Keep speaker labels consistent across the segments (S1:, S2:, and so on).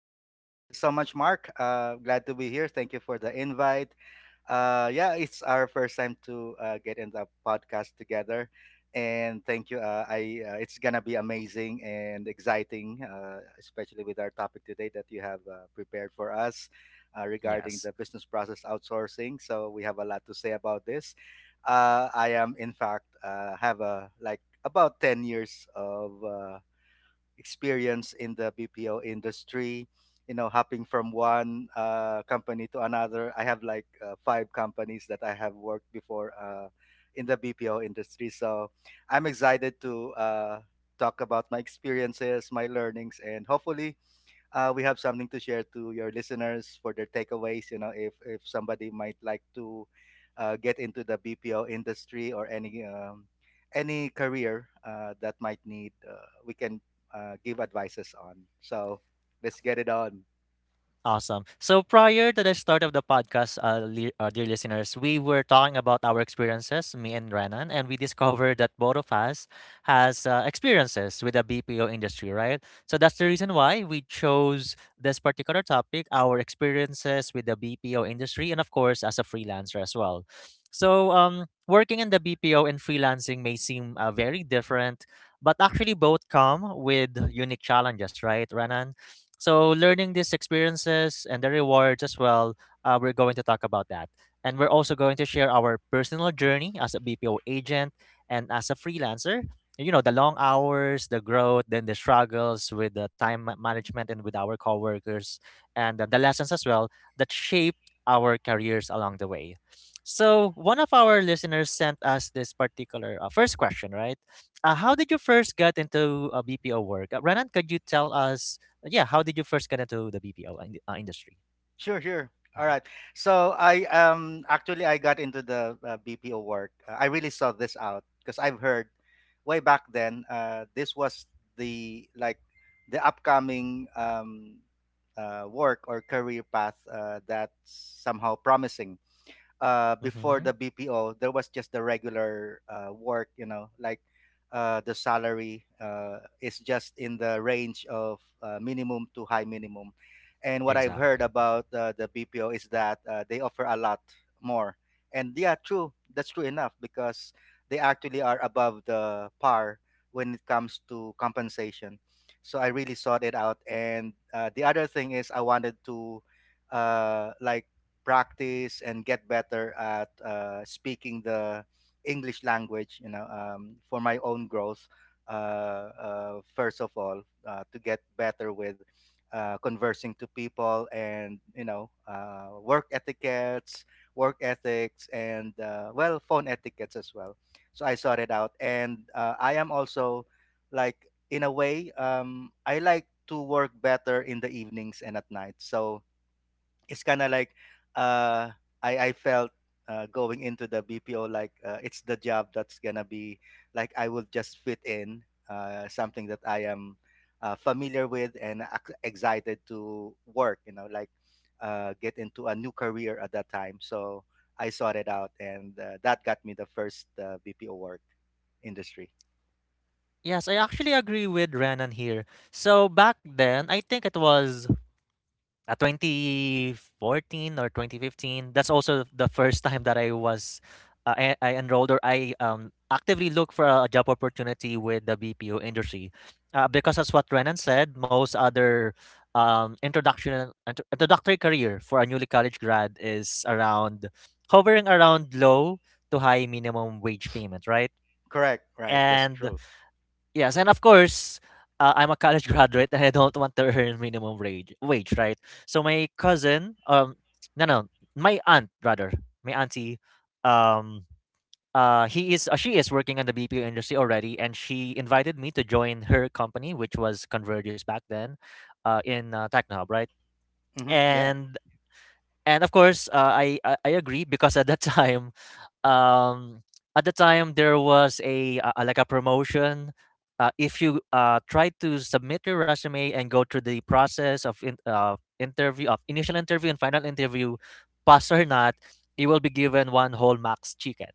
S1: All right. Thank you so much, Mark. Glad to be here. Thank you for the invite. Yeah, it's our first time to get in the podcast together, and thank you. I it's gonna be amazing and exciting, especially with our topic today that you have prepared for us regarding
S2: Yes.
S1: the business process outsourcing. So we have a lot to say about this. I am, in fact, have a like about 10 years of experience in the BPO industry, you know, hopping from one company to another. I have like five companies that I have worked before in the BPO industry. So I'm excited to talk about my experiences, my learnings, and hopefully we have something to share to your listeners for their takeaways. You know, if somebody might like to get into the BPO industry or any career that might need, we can give advices on. So let's get it on.
S2: Awesome. So prior to the start of the podcast, dear listeners, we were talking about our experiences, me and Renan, and we discovered that both of us has experiences with the BPO industry, right? So that's the reason why we chose this particular topic, our experiences with the BPO industry, and of course, as a freelancer as well. So working in the BPO and freelancing may seem very different, but actually both come with unique challenges, right, Renan? So, learning these experiences and the rewards as well, we're going to talk about that. And we're also going to share our personal journey as a BPO agent and as a freelancer. You know, the long hours, the growth, then the struggles with the time management and with our coworkers, and the lessons as well that shaped our careers along the way. So, one of our listeners sent us this particular first question, right? How did you first get into BPO work? Renan, could you tell us yeah how did you first get into the bpo industry.
S1: Sure, sure. All
S2: Mhm.
S1: right. So I actually I got into the BPO work. I really saw this out because I've heard way back then this was the like the upcoming work or career path that's somehow promising before
S2: Mm-hmm.
S1: the BPO, there was just the regular work, you know, like the salary is just in the range of minimum to high minimum. And what I've heard
S2: Exactly.
S1: about the BPO is that they offer a lot more. And yeah, true, that's true enough because they actually are above the par when it comes to compensation. So I really sought it out. And the other thing is I wanted to like practice and get better at speaking the English language, you know, for my own growth, first of all, to get better with conversing to people and, you know, work etiquettes, work ethics, and, well, phone etiquettes as well. So I sorted out. And I am also like, in a way, I like to work better in the evenings and at night. So, it's kind of like uh, I felt going into the BPO like it's the job that's gonna be like I will just fit in something that I am familiar with and excited to work. You know, like get into a new career at that time. So I sought it out, and that got me the first BPO work industry.
S2: Yes, I actually agree with Renan here. So back then, I think it was 2014 or 2015. That's also the first time that I was I enrolled or I actively look for a job opportunity with the BPO industry. Because as what Renan said, most other introductory career for a newly college grad is around hovering around low to high minimum wage payment, right?
S1: Correct, right? That's
S2: And
S1: true.
S2: yes, and of course, I'm a college graduate and I don't want to earn minimum wage, right? So my cousin, no, no, my aunt rather, my auntie, um, she is working in the BPO industry already, and she invited me to join her company, which was Convergys back then, in TechnoHub, right?
S1: Hmm. Yeah.
S2: And of course, I agree because at that time, um at the time there was a like a promotion. If you try to submit your resume and go through the process of interview, of initial interview and final interview, pass or not, you will be given one whole max chicken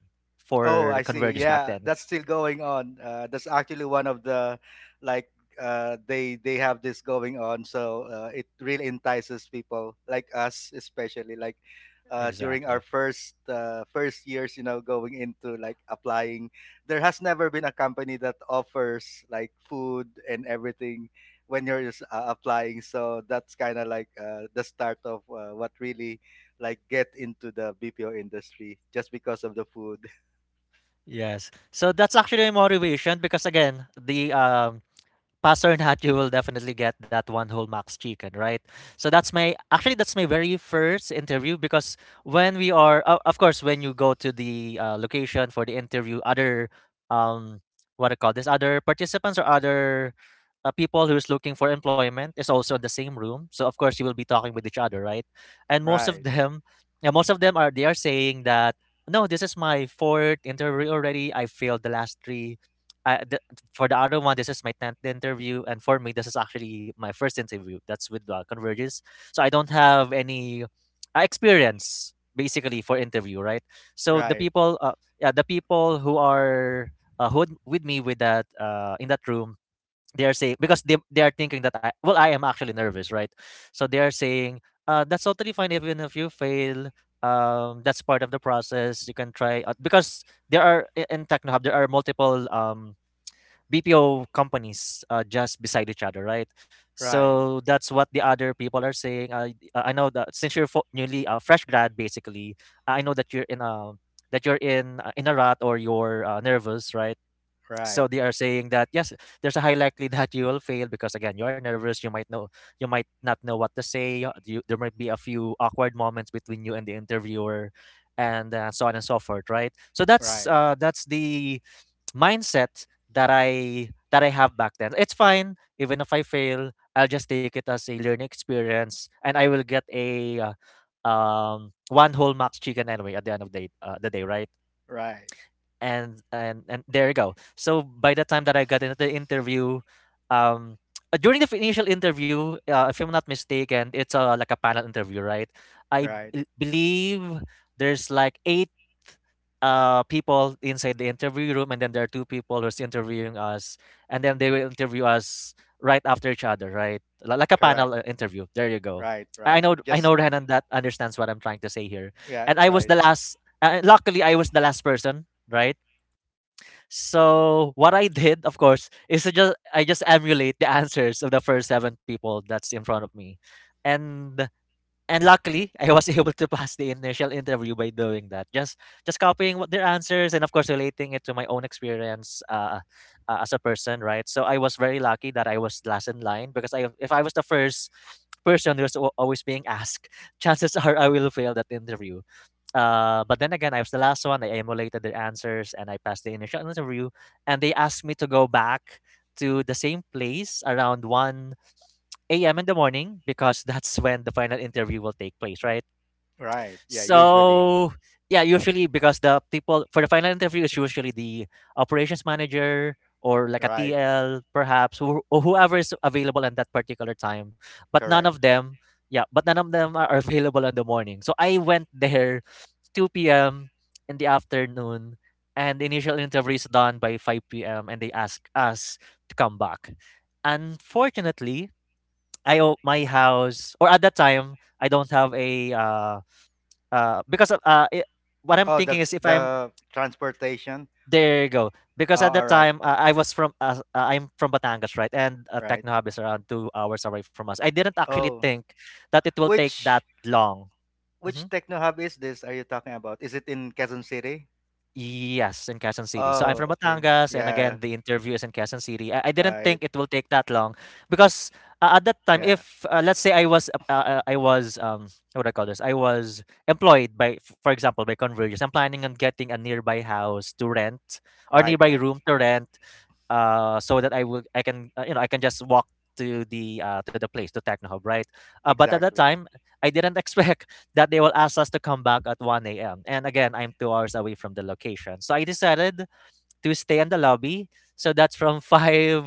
S1: Oh, I
S2: for
S1: see.
S2: converges back
S1: Yeah,
S2: then.
S1: that's still going on. That's actually one of the, like, they have this going on, so it really entices people like us, especially like during our
S2: Exactly.
S1: first years, you know, going into like applying. There has never been a company that offers like food and everything when you're just applying. So that's kind of like the start of what really like get into the BPO industry just because of the food.
S2: Yes, so that's actually a motivation because again, the pass or not, you will definitely get that one whole max chicken, right? So that's my very first interview because when we are o- of course, when you go to the location for the interview, other um what I call this other participants or other people who's looking for employment is also in the same room. So of course you will be talking with each other, right? And most of
S1: Right,
S2: them, yeah, most of them are they are saying that no, this is my fourth interview already. I failed the last three. I, for the other one, this is my 10th interview. And for me, this is actually my first interview. That's with Converges. So I don't have any experience basically for interview, right? So
S1: right,
S2: yeah, the people who are who with me with that in that room, they are saying because they are thinking that I am actually nervous, right? So they are saying that's totally fine even if you fail. That's part of the process. You can try out because in TechnoHub there are multiple BPO companies just beside each other, right?
S1: right,
S2: So that's what the other people are saying. I know that since you're newly a fresh grad, basically, I know that you're in a that you're in a rut or you're nervous, right?
S1: right,
S2: So they are saying that yes, there's a high likely that you will fail because again you are nervous. You might not know what to say. There might be a few awkward moments between you and the interviewer, and so on and so forth, right? So
S1: right,
S2: that's the mindset that I have back then. It's fine even if I fail. I'll just take it as a learning experience, and I will get a one whole max chicken anyway at the end of the day, right?
S1: right,
S2: And there you go. So by the time that I got into the interview, um. uh, During the initial interview, if I'm not mistaken, it's like a panel interview, right? I
S1: right.
S2: b- believe there's like people inside the interview room, and then there are two people who's interviewing us, and then they will interview us right after each other, right? Like a panel
S1: Correct.
S2: interview, there you go.
S1: Right, right.
S2: I
S1: Just
S2: know Renan that understands what I'm trying to say here.
S1: yeah,
S2: And I was
S1: right,
S2: the last, luckily I was the last person, right? So what I did, of course, is to just I just emulate the answers of the first seven people that's in front of me. And luckily, I was able to pass the initial interview by doing that. Just copying what their answers, and of course relating it to my own experience, as a person, right? So I was very lucky that I was last in line, because I if I was the first person who's always being asked, chances are I will fail that interview. But then again, I was the last one. I emulated their answers and I passed the initial interview. And they asked me to go back to the same place around 1 a.m. in the morning because that's when the final interview will take place, right?
S1: right. Yeah, usually.
S2: So yeah, usually because the people for the final interview is usually the operations manager or like a
S1: Right,
S2: TL perhaps who, or whoever is available at that particular time. But none of
S1: correct.
S2: them, yeah, but none of them are available in the morning. So I went there 2 p.m. in the afternoon, and the initial interview is done by 5 p.m. and they ask us to come back. Unfortunately, I owe my house or at that time I don't have a because of what I'm
S1: Oh,
S2: thinking
S1: the
S2: is if I'm
S1: the transportation.
S2: there you go,
S1: Oh,
S2: because at that
S1: all right,
S2: time, I'm from Batangas, right, and
S1: right.
S2: Techno Hub is around 2 hours away from us. I didn't actually
S1: Oh,
S2: think that it will take that
S1: which
S2: long. Mm-hmm.
S1: which Techno Hub is this? Are you talking about? Is it in Quezon City?
S2: Yes, in Quezon City. So I'm
S1: Oh,
S2: from
S1: okay.
S2: Batangas, and
S1: Yeah,
S2: again, the interview is in Quezon City. I didn't
S1: right.
S2: think it will take that long because at that time,
S1: Yeah,
S2: if let's say I was what do I call this? I was employed by, for example, by Convergys. I'm planning on getting a nearby house to rent or
S1: right,
S2: nearby
S1: right.
S2: room to rent, so that I can you know, I can just walk to the place, to Technohub, right? But at that
S1: Exactly.
S2: time, I didn't expect that they will ask us to come back at 1 a.m. And again, I'm 2 hours away from the location. So I decided to stay in the lobby. So that's from 5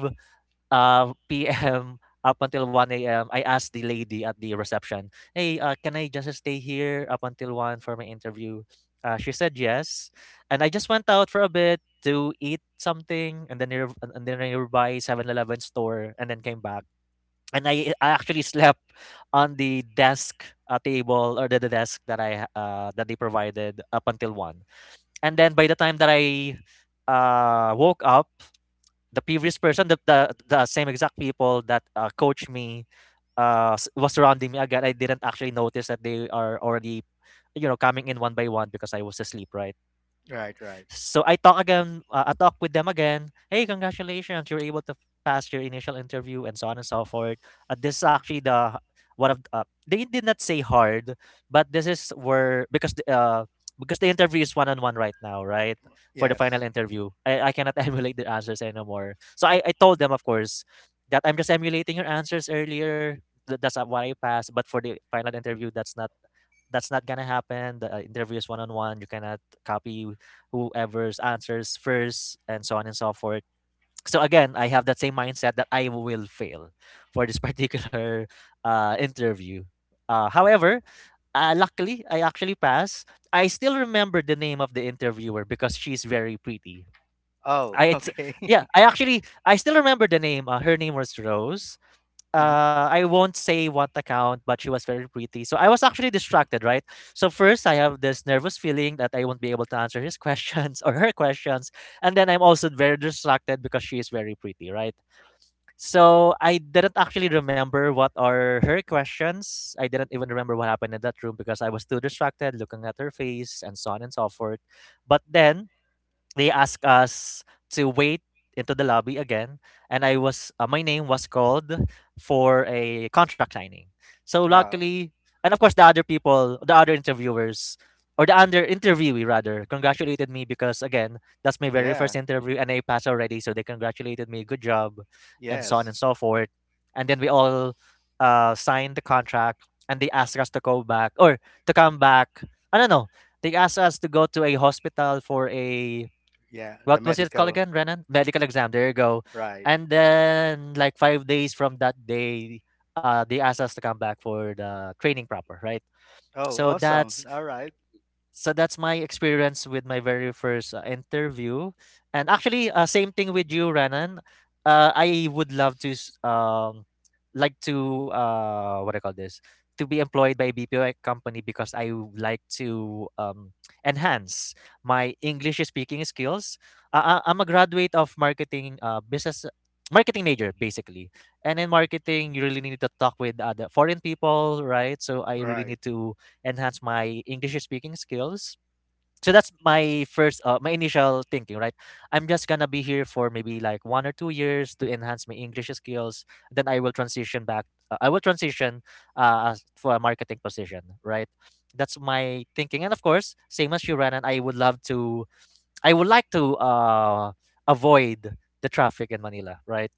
S2: p.m. up until 1 a.m. I asked the lady at the reception, hey, can I just stay here up until 1 for my interview? She said yes. And I just went out for a bit to eat something, and then nearby 7-Eleven store, and then came back. And I actually slept on the desk that I that they provided up until one. And then by the time that I woke up, the previous person, the same exact people that coached me, was surrounding me again. I didn't actually notice that they are already, you know, coming in one by one because I was asleep, right?
S1: Right, right.
S2: So I talk again, I talk with them again. Hey, congratulations, you're able to pass your initial interview, and so on and so forth. This is actually the one of they did not say hard, but this is where, because because the interview is one on one right now, right? For the final
S1: Yes.
S2: interview, I cannot emulate the answers anymore. So I told them, of course, that I'm just emulating your answers earlier. That's what I passed, but for the final interview, that's not gonna happen. The interview is one on one. You cannot copy whoever's answers first, and so on and so forth. So again, I have that same mindset that I will fail for this particular interview. However, luckily, I actually passed. I still remember the name of the interviewer because she's very pretty.
S1: Oh,
S2: I it's,
S1: okay.
S2: yeah, I actually I still remember the name. Her name was Rose,
S1: Hmm.
S2: I won't say what account, but she was very pretty. So I was actually distracted, right? So first, I have this nervous feeling that I won't be able to answer his questions or her questions, and then I'm also very distracted because she is very pretty, right? So I didn't actually remember what are her questions. I didn't even remember what happened in that room because I was too distracted looking at her face and so on and so forth. But then they asked us to wait into the lobby again, and I was my name was called for a contract signing, so
S1: Wow.
S2: luckily. And of course, the other people, the other interviewers, or the under interviewee rather, congratulated me because again, that's my very
S1: Yeah.
S2: first interview and I passed already, so they congratulated me, good job and so on and
S1: Yes.
S2: so forth. And then we all signed the contract, and they asked us to go back, or to come back, I don't know, they asked us to go to a hospital for a
S1: Yeah. The
S2: what was it called
S1: medical.
S2: again, Renan? Medical exam. There you go.
S1: Right.
S2: And then like 5 days from that day, they asked us to come back for the training proper, right?
S1: Oh,
S2: So
S1: awesome.
S2: that's
S1: All right.
S2: so that's my experience with my very first interview. And actually, same thing with you, Ranan, I would love to like to what I call this, to be employed by a BPO company because I would like to enhance my English speaking skills. I'm a graduate of marketing, business marketing major basically. And in marketing you really need to talk with other foreign people, right? So I really
S1: Right.
S2: need to enhance my English speaking skills. So that's my first, my initial thinking, right? I'm just gonna be here for maybe like 1 or 2 years to enhance my English skills. Then I will transition back. I will transition for a marketing position, right? That's my thinking. And of course, same as you, Renan, I would love to. I would like to avoid the traffic in Manila, right?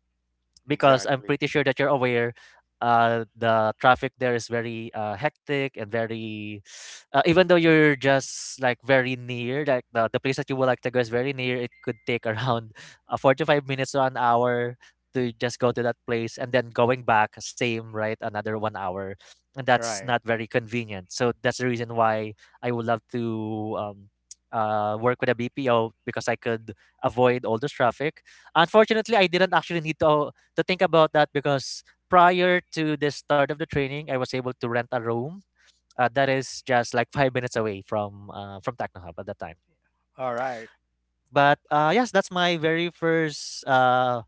S2: Because I'm
S1: Exactly.
S2: pretty sure that you're aware the traffic there is very hectic, and very even though you're just like very near, like the place that you would like to go is very near, it could take around 45 minutes to an hour to just go to that place, and then going back, same, right, another 1 hour, and that's
S1: Right.
S2: not very convenient, so that's the reason why I would love to work with a BPO because I could avoid all this traffic. Unfortunately, I didn't actually need to think about that because prior to the start of the training, I was able to rent a room that is just like 5 minutes away from from Techno at that time.
S1: All right.
S2: But yes, that's my very first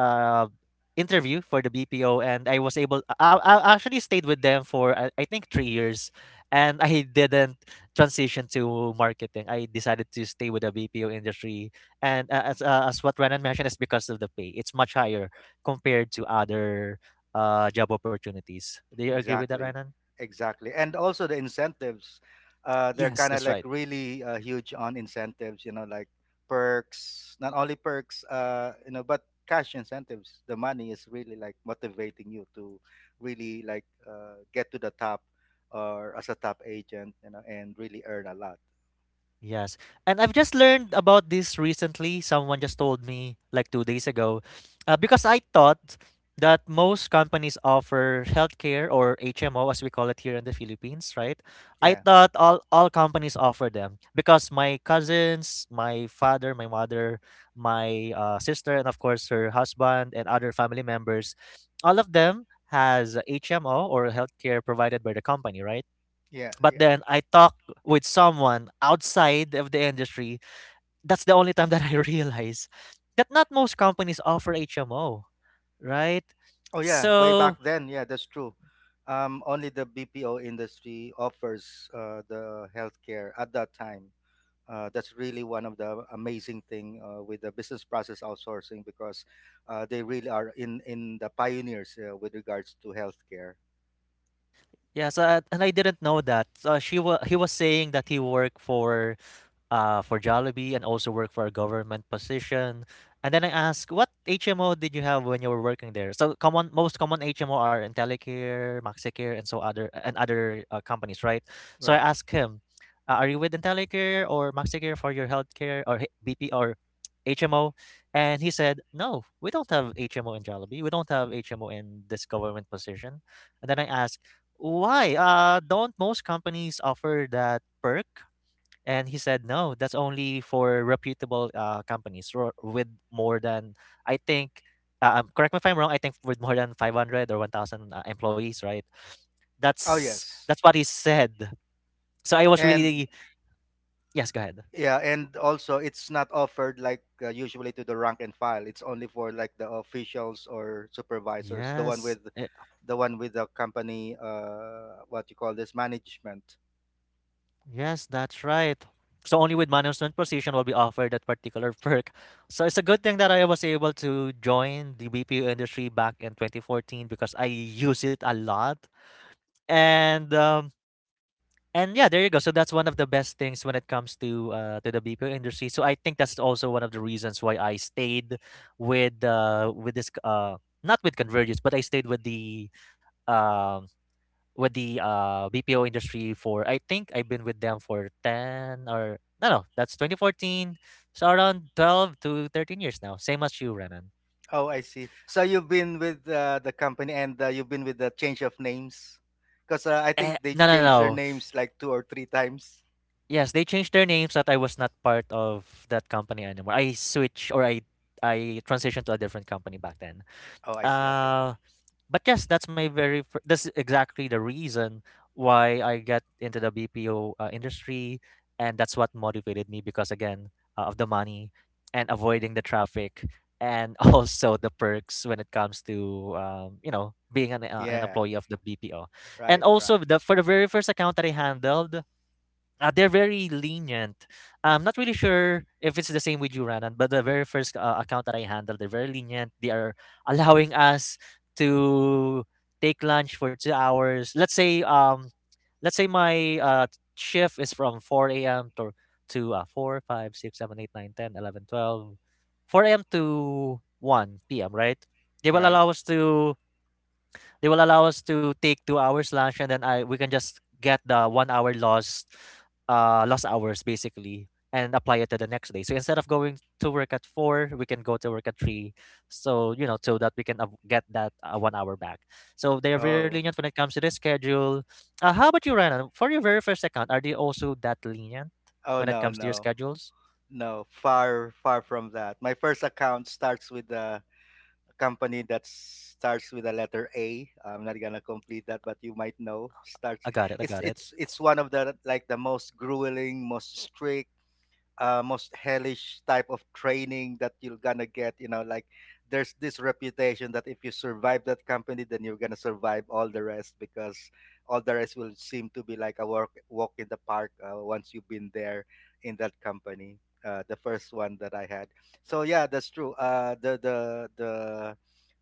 S2: uh, interview for the BPO, and I was able. I actually stayed with them for I think 3 years, and I didn't transition to marketing. I decided to stay with the BPO industry, and as what Renan mentioned, is because of the pay. It's much higher compared to other job opportunities. Do you agree with that,
S1: Exactly.
S2: Renan?
S1: Exactly. And also the incentives. They're
S2: Yes,
S1: kind of
S2: that's
S1: like
S2: right.
S1: really huge on incentives, you know, like perks, not only perks, but cash incentives. The money is really like motivating you to really like get to the top or as a top agent, you know, and really earn a lot.
S2: Yes. And I've just learned about this recently. Someone just told me like 2 days ago, because I thought that most companies offer healthcare or HMO, as we call it here in the Philippines, right? I
S1: Yeah.
S2: thought all companies offer them because my cousins, my father, my mother, my sister, and of course her husband and other family members, all of them has a HMO or healthcare provided by the company, right?
S1: Yeah.
S2: But
S1: Yeah.
S2: then I talk with someone outside of the industry. That's the only time that I realize that not most companies offer HMO, right?
S1: Oh yeah, way back
S2: So
S1: then. Yeah, that's true. Only the BPO industry offers the healthcare at that time. That's really one of the amazing thing with the business process outsourcing because they really are in the pioneers with regards to healthcare.
S2: yeah, so and I didn't know that. So she was he was saying that he worked for for Jollibee and also work for a government position. And then I asked, what HMO did you have when you were working there? So common, most common HMO are Intellicare, Maxicare, and so other and other companies, right? So I
S1: Right.
S2: asked him, are you with Intellicare or Maxicare for your healthcare or H- BP or HMO? And he said, no, we don't have HMO in Jollibee. We don't have HMO in this government position. And then I asked, why? Don't most companies offer that perk? And he said, no, that's only for reputable companies with more than, I think, correct me if I'm wrong, I think with more than 500 or 1,000 employees, right?
S1: Oh
S2: That's
S1: yes.
S2: that's what he said. So I was
S1: And
S2: really, yes, go ahead.
S1: yeah, and also it's not offered like usually to the rank and file. It's only for like the officials or supervisors, the one
S2: Yes,
S1: with the one with the company what you call this management.
S2: yes, that's right. So only with management position will be offered that particular perk. So it's a good thing that I was able to join the BPO industry back in 2014 because I use it a lot. And um, And yeah, there you go. So that's one of the best things when it comes to to the BPO industry. So I think that's also one of the reasons why I stayed with not with Convergence, but I stayed with the um, BPO industry for I think I've been with them for 10 or no no that's 2014, so around 12 to 13 years now. Same as you, Renan.
S1: Oh, I see. So you've been with the company and you've been with the change of names because I think they
S2: No, no,
S1: changed their
S2: no.
S1: names like two or three times.
S2: Yes, they changed their names that I was not part of that company anymore. I switched, or I transitioned to a different company back then.
S1: Oh, I see. Okay.
S2: Uh, but yes, that's my very that's exactly the reason why I got into the BPO industry, and that's what motivated me because again, of the money and avoiding the traffic, and also the perks when it comes to, you know, being an
S1: Yeah,
S2: employee of the BPO, and
S1: right, right,
S2: also the, for the very first account that I handled. They're very lenient. I'm not really sure if it's the same with you, Ranan, but the very first account that I handled, they're very lenient. They are allowing us to take lunch for 2 hours. Let's say my shift is from 4 a.m. to 4, 5, 6, 7, 8, 9, 10, 11, 12, 4 a.m. to 1 p.m., right? They will
S1: right.
S2: allow us to they will allow us to take 2 hours lunch, and then I we can just get the 1 hour lost, lost hours basically, and apply it to the next day. So instead of going to work at four, we can go to work at three. So you know, so that we can get that 1 hour back. So they're very
S1: Oh,
S2: lenient when it comes to the schedule. How about you, Rana? For your very first account, are they also that lenient
S1: oh
S2: when it
S1: no,
S2: comes to your
S1: no,
S2: schedules?
S1: no. Far, far from that. My first account starts with the. Company that starts with the letter A. I'm not gonna complete that, but you might know.
S2: I
S1: Starts.
S2: got it. I
S1: It's
S2: got it.
S1: it's it's one of the like the most grueling, most strict most hellish type of training that you're gonna get. You know, like there's this reputation that if you survive that company, then you're gonna survive all the rest because all the rest will seem to be like a walk in the park once you've been there in that company. The first one that I had. So yeah, that's true. The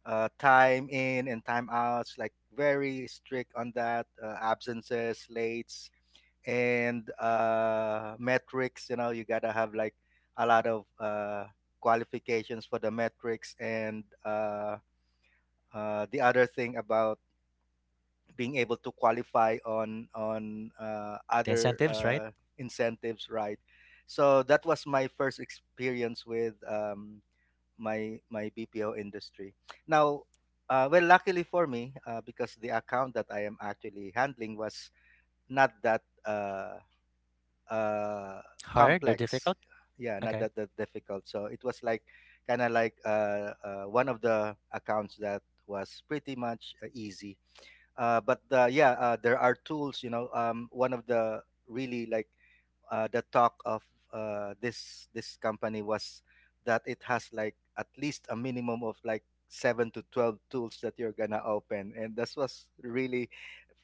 S1: time in and time outs, like very strict on that. Absences, lates, and metrics. You know, you gotta have like a lot of qualifications for the metrics, and the other thing about being able to qualify on
S2: The
S1: other
S2: incentives, right?
S1: incentives, right? So that was my first experience with my BPO industry. Now, well, luckily for me, because the account that I am actually handling was not that uh
S2: Hard or
S1: complex,
S2: difficult?
S1: yeah, not
S2: Okay,
S1: that difficult, so it was like kind of like one of the accounts that was pretty much easy, but the, yeah, there are tools, you know, one of the really like the talk of this company was that it has like at least a minimum of like 7 to 12 tools that you're gonna open, and this was really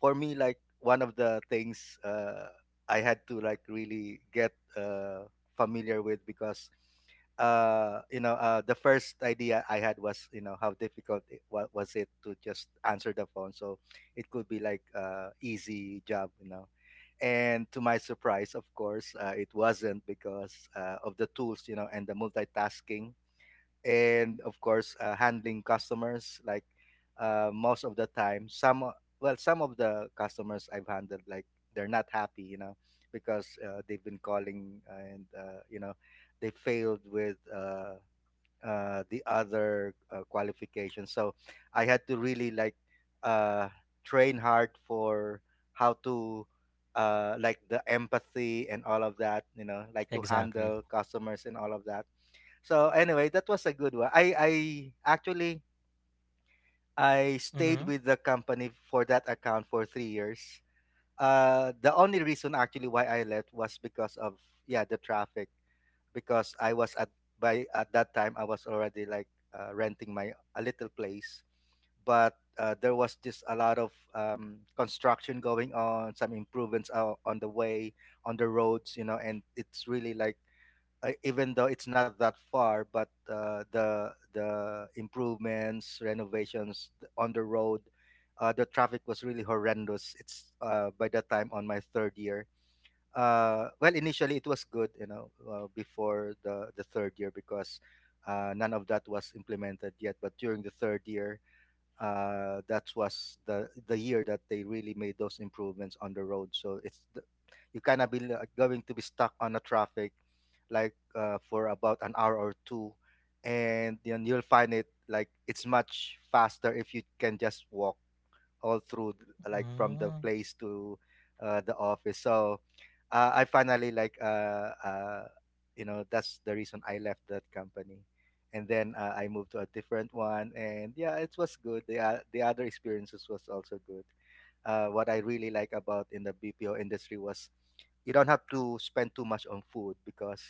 S1: for me like one of the things I had to like really get familiar with because the first idea I had was, you know, how difficult it, what was it to just answer the phone, so it could be like easy job. And to my surprise, of course, it wasn't because of the tools and the multitasking, and of course handling customers like most of the time well, some of the customers I've handled, like they're not happy because they've been calling, and they failed with the other qualifications. So I had to really like uh, train hard for how to like the empathy and all of that. You know, like to
S2: exactly.
S1: handle customers and all of that. So anyway, that was a good one. Actually I stayed
S2: Mm-hmm.
S1: with the company for that account for 3 years. The only reason actually why I left was because of, yeah, the traffic, because I was at by at that time I was already like renting my a little place, but there was just a lot of construction going on, some improvements on the way, on the roads, you know, and it's really like even though it's not that far, but the improvements, renovations on the road, the traffic was really horrendous. It's by that time on my third year well, initially it was good, you know, before the third year because none of that was implemented yet. But during the third year, that was the year that they really made those improvements on the road. So you kind of be going to be stuck on a traffic, like for about an hour or two, and then you'll find it like it's much faster if you can just walk all through, like from the
S2: Mm.
S1: place to the office. So I finally like that's the reason I left that company, and then I moved to a different one, and yeah, it was good. The other experiences was also good. What I really like about in the BPO industry was you don't have to spend too much on food because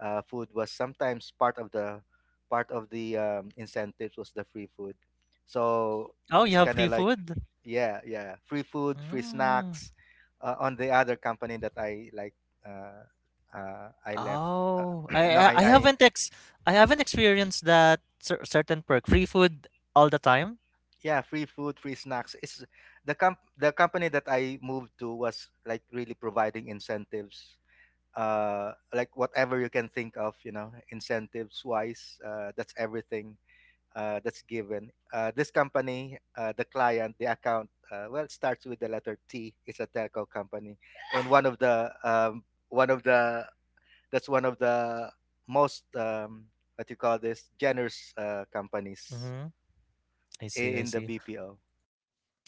S1: food was sometimes part of the incentives was the free food, so
S2: Oh, you
S1: it's
S2: have
S1: kind
S2: free
S1: of like
S2: food?
S1: yeah, yeah, free food, free
S2: Mm.
S1: snacks. Uh, on the other company that I like uh, I left uh,
S2: Oh,
S1: no I I
S2: I haven't experienced that certain perk. Free food all the time?
S1: Yeah, free food, free snacks. It's the company that I moved to was like really providing incentives, like whatever you can think of, incentives wise, that's everything that's given. This company, the client, the account, well, it starts with the letter T. It's a telco company, and one of the that's one of the most what you call this generous companies
S2: Mm-hmm. I see, I
S1: in the
S2: see.
S1: BPO.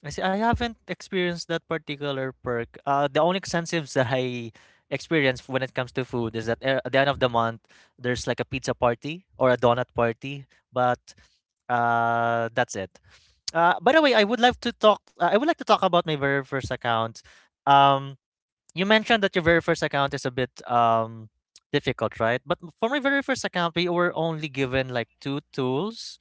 S2: I see. I haven't experienced that particular perk. The only incentives that I experience when it comes to food is that at the end of the month there's like a pizza party or a donut party, but that's it. By the way, I would love to talk. I would like to talk about my very first account. Um, you mentioned that your very first account is a bit difficult, right? But for my very first account, we were only given like two tools.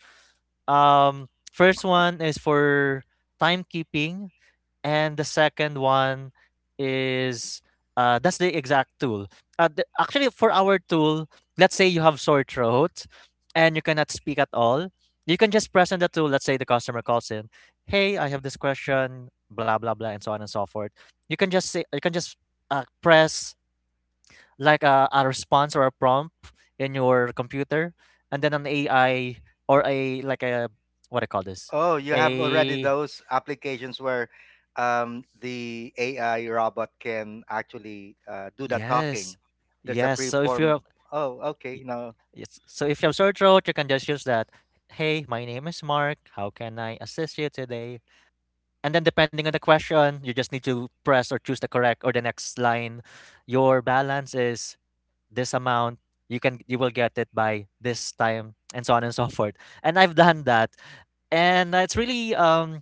S2: First one is for timekeeping, and the second one is that's the exact tool. The, actually, for our tool, let's say you have sore throat and you cannot speak at all. You can just press on the tool. Let's say the customer calls in, "Hey, I have this question," blah blah blah, and so on and so forth. You can just say you can just press like a response or a prompt in your computer and then an ai or a like a what I call this
S1: Oh, you have already
S2: a
S1: those applications where the AI robot can actually do the
S2: yes
S1: talking. There's a
S2: yes so if
S1: preform.
S2: you're
S1: Oh,
S2: y-
S1: okay. No.
S2: Yes. So if you have sore throat you can just use that. Hey, my name is Mark. How can I assist you today? And then depending on the question, you just need to press or choose the correct or the next line. Your balance is this amount. You will get it by this time and so on and so forth. And I've done that, and it's really um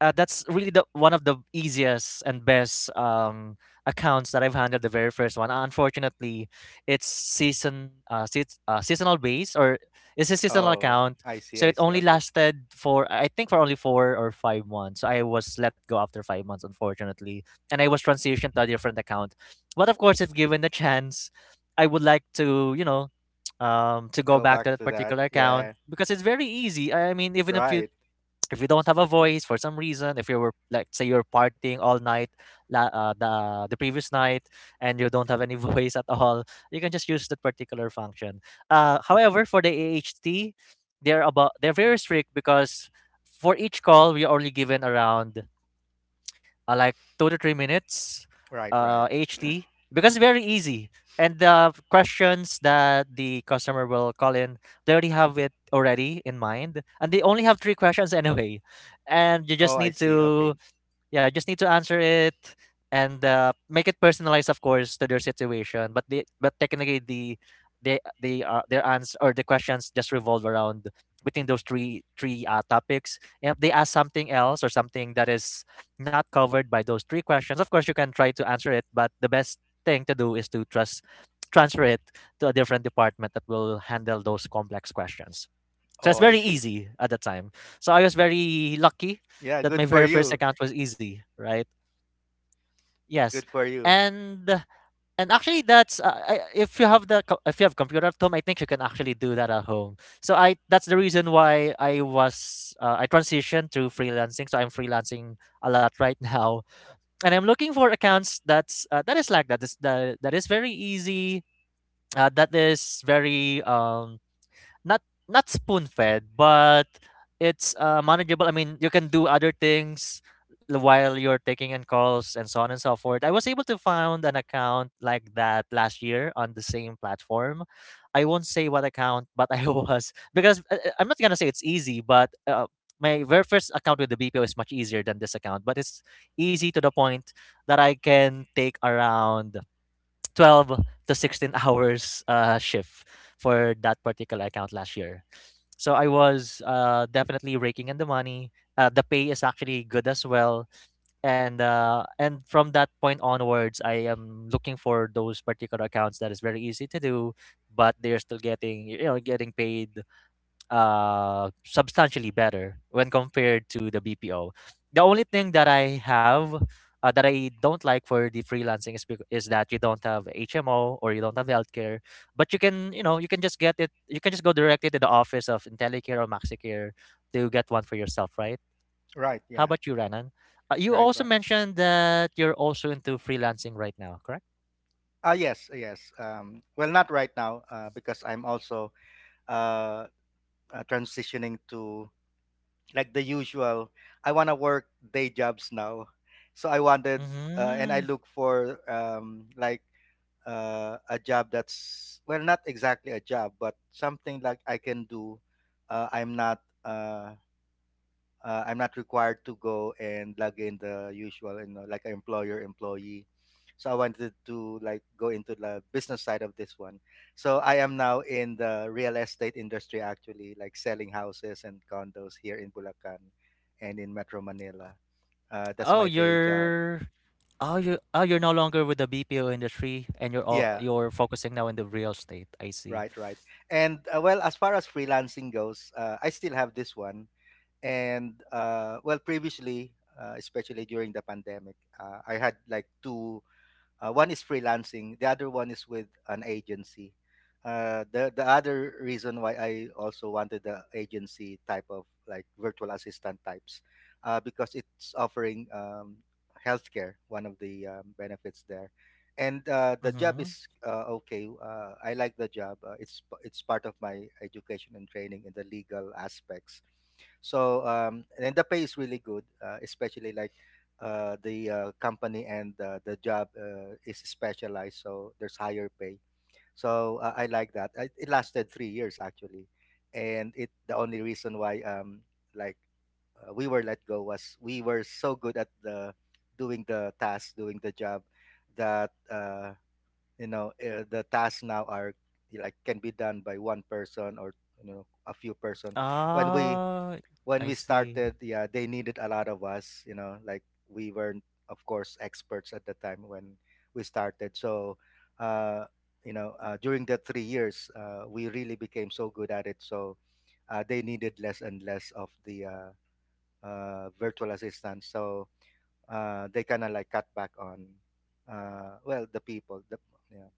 S2: uh, that's really the one of the easiest and best accounts that I've handled, the very first one. Unfortunately, it's seasonal base or it's a seasonal
S1: Oh,
S2: account.
S1: I see.
S2: So
S1: I
S2: it
S1: see.
S2: only
S1: Okay.
S2: lasted for, I think, for only 4 or 5 months, so I was let go after 5 months, unfortunately, and I was transitioned to a different account. But of course, if given the chance, I would like to, to go
S1: Go
S2: back to
S1: back to
S2: that
S1: that.
S2: particular
S1: Yeah.
S2: account because it's very easy. I mean, even if
S1: Right.
S2: you don't have a voice for some reason, if you were, like, say you're partying all night, the previous night, and you don't have any voice at all, you can just use that particular function. However, for the AHT, they're very strict because for each call we are only given around like 2 to 3 minutes
S1: Right. Right.
S2: HT because it's very easy. And the questions that the customer will call in, they already have it already in mind. And they only have three questions anyway. And you
S1: Oh,
S2: just
S1: I
S2: need
S1: see. Okay.
S2: to Yeah, just need to answer it and make it personalized, of course, to their situation. But technically, their answer or the questions just revolve around within those three topics. And if they ask something else or something that is not covered by those three questions, of course, you can try to answer it. But the best thing to do is to trust transfer it to a different department that will handle those complex questions. So it's
S1: Oh, I
S2: very
S1: see.
S2: easy at the time. So I was very lucky
S1: Yeah.
S2: that my
S1: Good for
S2: very first
S1: you.
S2: account was easy, right? Yes,
S1: Good for you.
S2: and actually that's if you have if you have computer at home, I think you can actually do that at home. So I that's the reason why I was I transitioned to freelancing. So I'm freelancing a lot right now, and I'm looking for accounts that's that is like that is very easy. That is very not spoon-fed, but it's manageable. I mean, you can do other things while you're taking in calls and so on and so forth. I was able to found an account like that last year on the same platform. I won't say what account, but I was, because I'm not gonna say it's easy, but my very first account with the BPO is much easier than this account, but it's easy to the point that I can take around 12 to 16 hours shift for that particular account last year. So I was definitely raking in the money. The pay is actually good as well. And from that point onwards, I am looking for those particular accounts that is very easy to do, but they're still getting you know getting paid substantially better when compared to the BPO. The only thing that I have that I don't like for the freelancing is is that you don't have HMO or you don't have healthcare, but you can just get it. You can just go directly to the office of IntelliCare or MaxiCare to get one for yourself, right?
S1: Right.
S2: How
S1: Yeah.
S2: about you, Renan? You
S1: Right.
S2: also
S1: Right.
S2: mentioned that you're also into freelancing right now, correct?
S1: Yes. Yes. Well, not right now because I'm also uh, transitioning to like the usual. I want to work day jobs now. So I wanted and I
S2: Mm-hmm.
S1: look for like a job that's, well, not exactly a job, but something like I can do. Uh, I'm not. Uh, I'm not required to go and log in the usual, you know, like an employer employee. So I wanted to like go into the business side of this one. So I am now in the real estate industry, actually, like selling houses and condos here in Bulacan and in Metro Manila. That's
S2: Oh,
S1: my day job.
S2: you're oh you oh you're no longer with the BPO industry and
S1: Yeah,
S2: you're focusing now in the real estate. I see.
S1: right, right. And well, as far as freelancing goes, I still have this one. And well, previously, especially during the pandemic, I had like two. One is freelancing, the other one is with an agency. The other reason why I also wanted the agency type of like virtual assistant types, because it's offering healthcare, one of the benefits there, and the job
S2: Mm-hmm.
S1: is okay. I like the job. It's part of my education and training in the legal aspects. So and the pay is really good, especially like the company and the job is specialized, so there's higher pay. So I like that. It lasted 3 years actually, and it the only reason why like we were let go was we were so good at the doing the task, doing the job that you know the tasks now are like can be done by one person or you know a few person when
S2: Ah, I
S1: we
S2: see.
S1: started, yeah, they needed a lot of us, you know, like we weren't, of course, experts at the time when we started. So, uh, you know, during the 3 years, we really became so good at it. So, they needed less and less of the virtual assistant. So, they kind of like cut back on, well, the people, the, you know.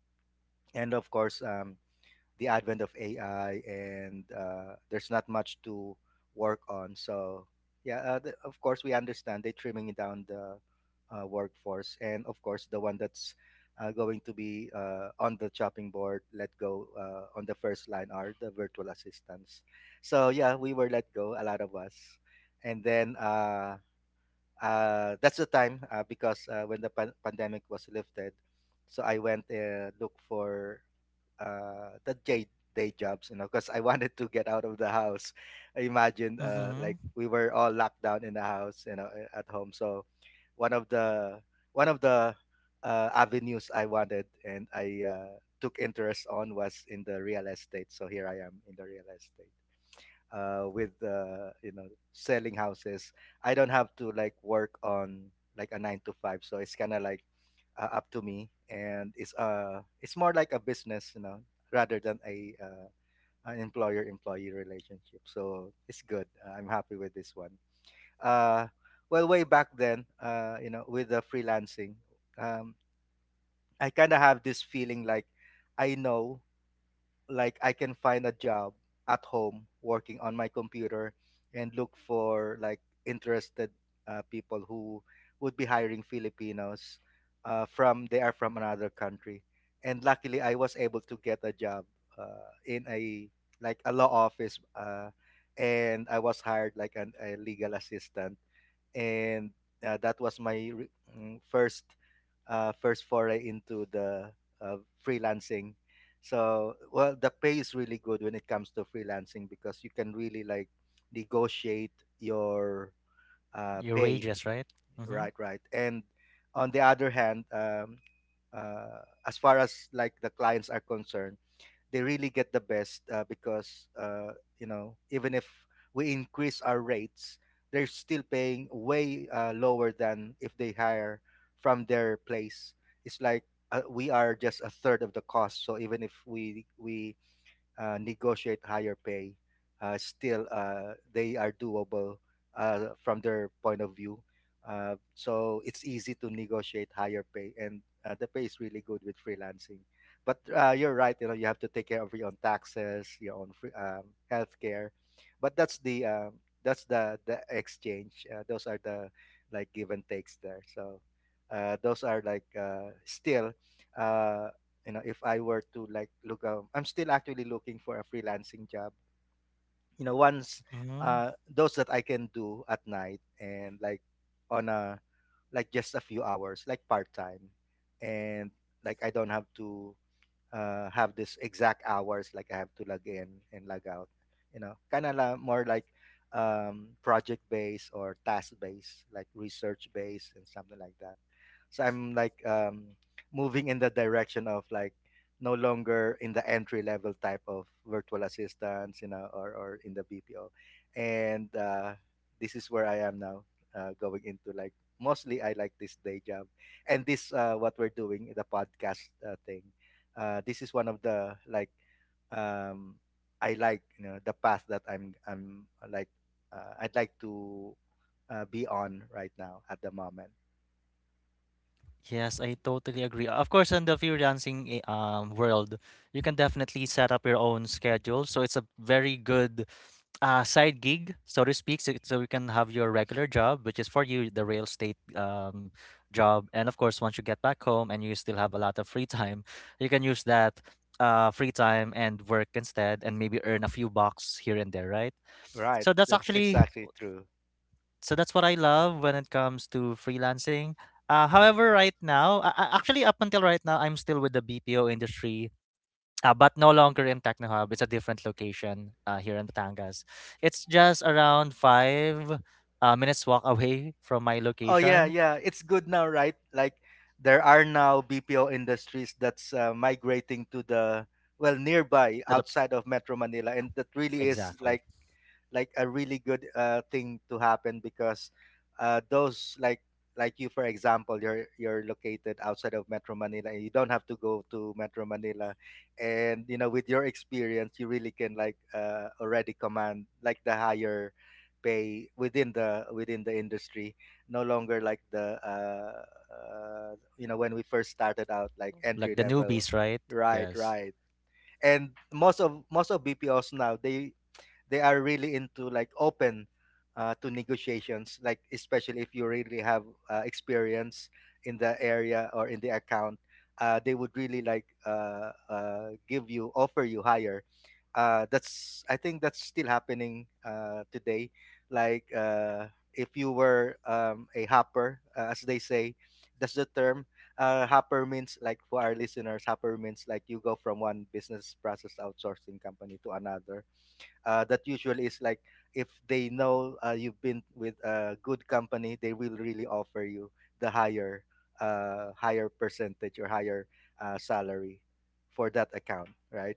S1: And of course, the advent of AI, and there's not much to work on. So yeah, of course we understand they are trimming down the workforce, and of course the one that's going to be on the chopping board, let go on the first line are the virtual assistants. So yeah, we were let go, a lot of us, and then. That's the time because when the pandemic was lifted, so I went look for the day jobs, you know, because I wanted to get out of the house. I imagine
S2: Mm-hmm.
S1: like we were all locked down in the house, you know, at home. So one of the one of the avenues I wanted and I took interest on was in the real estate. So here I am in the real estate with you know selling houses. I don't have to like work on like a nine to five, so it's kind of like up to me, and it's more like a business, you know, rather than a an employer employee relationship. So it's good. I'm happy with this one. Uh, well, way back then, you know, with the freelancing, um, I kind of have this feeling like I know like I can find a job at home working on my computer and look for like interested people who would be hiring Filipinos from they are from another country. And luckily, I was able to get a job in a like a law office, and I was hired like a legal assistant. And that was my first first foray into the uh, freelancing. So, well, the pay is really good when it comes to freelancing because you can really like negotiate your
S2: Your
S1: pay,
S2: wages, right? Mm-hmm.
S1: right? Right. And on the other hand, as far as like the clients are concerned, they really get the best because you know even if we increase our rates, they're still paying way lower than if they hire from their place. It's like we are just a third of the cost, so even if we negotiate higher pay, still they are doable from their point of view. So it's easy to negotiate higher pay, and the pay is really good with freelancing. But you're right, you know, you have to take care of your own taxes, your own free, healthcare. But that's the exchange. Those are the like give and takes there. So those are like still uh, you know if I were to like look, I'm still actually looking for a freelancing job, you know, once
S2: Mm-hmm.
S1: those that I can do at night and like on a like just a few hours, like part time, and like I don't have to have this exact hours like I have to log in and log out. You know, kind of more like project based or task based, like research based and something like that. So I'm like moving in the direction of like no longer in the entry level type of virtual assistants, you know, or in the BPO. And this is where I am now going into like mostly I like this day job and this what we're doing the podcast thing. This is one of the like um, I like you know the path that I'd like to be on right now at the moment.
S2: Yes, I totally agree. Of course, in the freelancing world, you can definitely set up your own schedule. So it's a very good side gig, so to speak, so, so you can have your regular job, which is for you the real estate job. And of course, once you get back home and you still have a lot of free time, you can use that free time and work instead, and maybe earn a few bucks here and there, right?
S1: Right,
S2: So that's
S1: that's
S2: actually
S1: exactly true.
S2: so that's what I love when it comes to freelancing. However, right now, actually up until right now, I'm still with the BPO industry but no longer in Technohub. It's a different location here in Batangas. It's just around five minutes walk away from my
S1: Oh yeah,
S2: location.
S1: yeah, it's good now, right? Like there are now BPO industries that's migrating to the well nearby
S2: to the-
S1: outside of Metro Manila, and that really is
S2: Exactly.
S1: like a really good thing to happen because those like you for example, you're located outside of Metro Manila and you don't have to go to Metro Manila, and you know with your experience you really can like already command like the higher pay within the industry, no longer like the you know when we first started out like entry
S2: Like the
S1: level,
S2: newbies, right?
S1: right,
S2: Yes.
S1: right. And most of BPOs now, they are really into like open to negotiations, like especially if you really have experience in the area or in the account, they would really like give you offer you higher. That's I think that's still happening today. Like if you were a hopper, as they say, that's the term. Hopper means like, for our listeners, hopper means like you go from one business process outsourcing company to another. That usually is like if they know you've been with a good company, they will really offer you the higher higher percentage or higher salary for that account, right?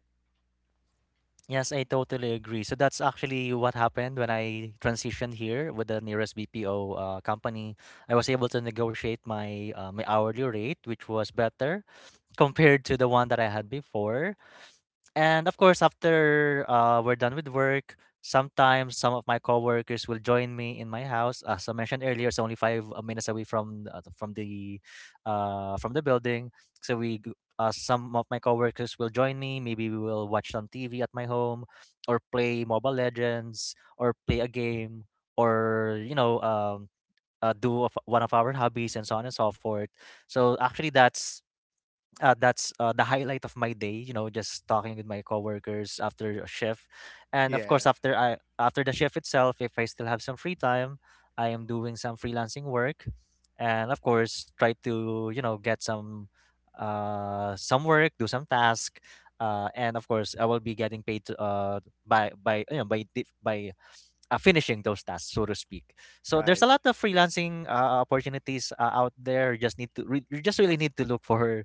S2: Yes, I totally agree. So that's actually what happened when I transitioned here with the nearest BPO company. I was able to negotiate my my hourly rate, which was better compared to the one that I had before. And of course, after we're done with work, sometimes some of my coworkers will join me in my house. As I mentioned earlier, it's only five minutes away from the building. So we g- some of my coworkers will join me. Maybe we will watch some TV at my home, or play Mobile Legends, or play a game, or do of one of our hobbies and so on and so forth. So actually, that's the highlight of my day, you know, just talking with my coworkers after a shift. And of
S1: Yeah,
S2: course, after the shift itself, if I still have some free time, I am doing some freelancing work, and of course try to, you know, get some work, do some task and of course I will be getting paid to, by you know, by finishing those tasks, so to speak. So there's a
S1: right.
S2: lot of freelancing opportunities out there. You just need to re- you just really need to look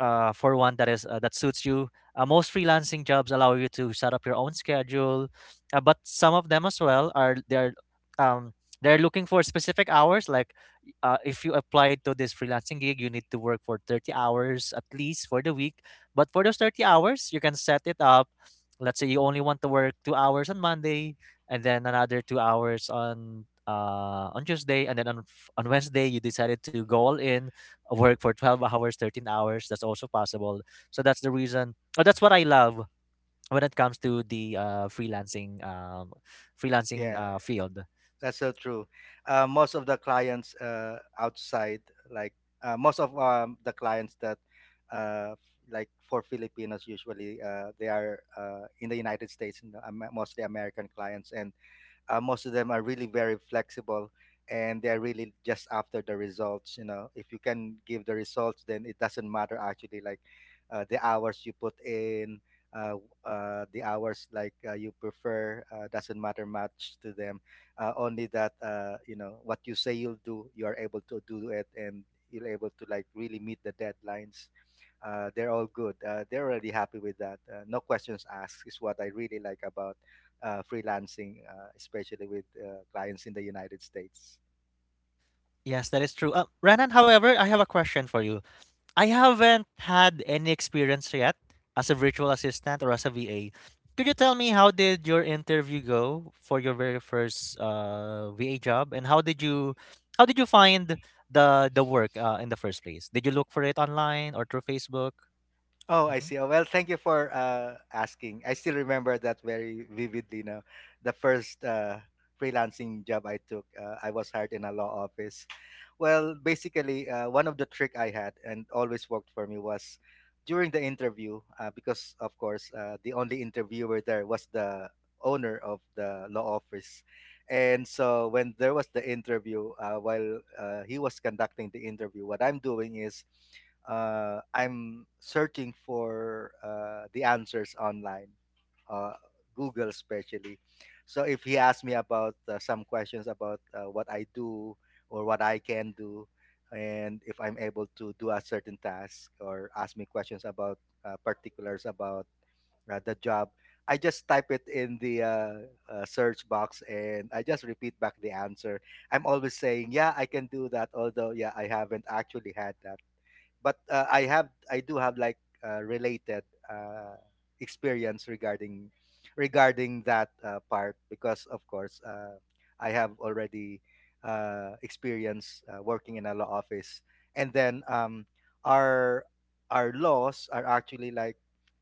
S2: for one that is that suits you. Most freelancing jobs allow you to set up your own schedule, but some of them as well are um, they're looking for specific hours. Like if you apply to this freelancing gig, you need to work for 30 hours at least for the week. But for those 30 hours, you can set it up. Let's say you only want to work 2 hours on Monday, and then another 2 hours on Tuesday, and then on Wednesday you decided to go all in, work for 12 hours, 13 hours. That's also possible. So that's the reason. Or that's what I love when it comes to the freelancing
S1: Yeah,
S2: field.
S1: that's so true. Most of the clients outside, like most of the clients that uh, like for Filipinos usually they are in the United States, in the, mostly American clients, and most of them are really very flexible, and they're really just after the results, you know, if you can give the results then it doesn't matter actually, like the hours you put in, uh, the hours like you prefer doesn't matter much to them, only that you know what you say you'll do, you are able to do it, and you're able to like really meet the deadlines, they're all good. They're already happy with that. No questions asked is what I really like about freelancing, especially with clients in the United States.
S2: Yes, that is true. Renan, however, I have a question for you. I haven't had any experience yet as a virtual assistant or as a VA. Could you tell me how did your interview go for your very first VA job, and how did you find the work in the first place? Did you look for it online or through Facebook?
S1: Oh, I
S2: Mm-hmm.
S1: see. Oh, well, thank you for asking. I still remember that very vividly now. The first freelancing job I took, I was hired in a law office. Well, basically, one of the trick I had and always worked for me was during the interview, because of course, the only interviewer there was the owner of the law office. And so when there was the interview, while he was conducting the interview, what I'm doing is I'm searching for the answers online, uh, Google especially. So if he asks me about some questions about what I do or what I can do, and if I'm able to do a certain task or ask me questions about particulars about the job, I just type it in the search box and I just repeat back the answer. I'm always saying, yeah, I can do that, although, yeah, I haven't actually had that but I do have like related uh, experience regarding that part because of course I have already experience working in a law office, and then our our laws are actually like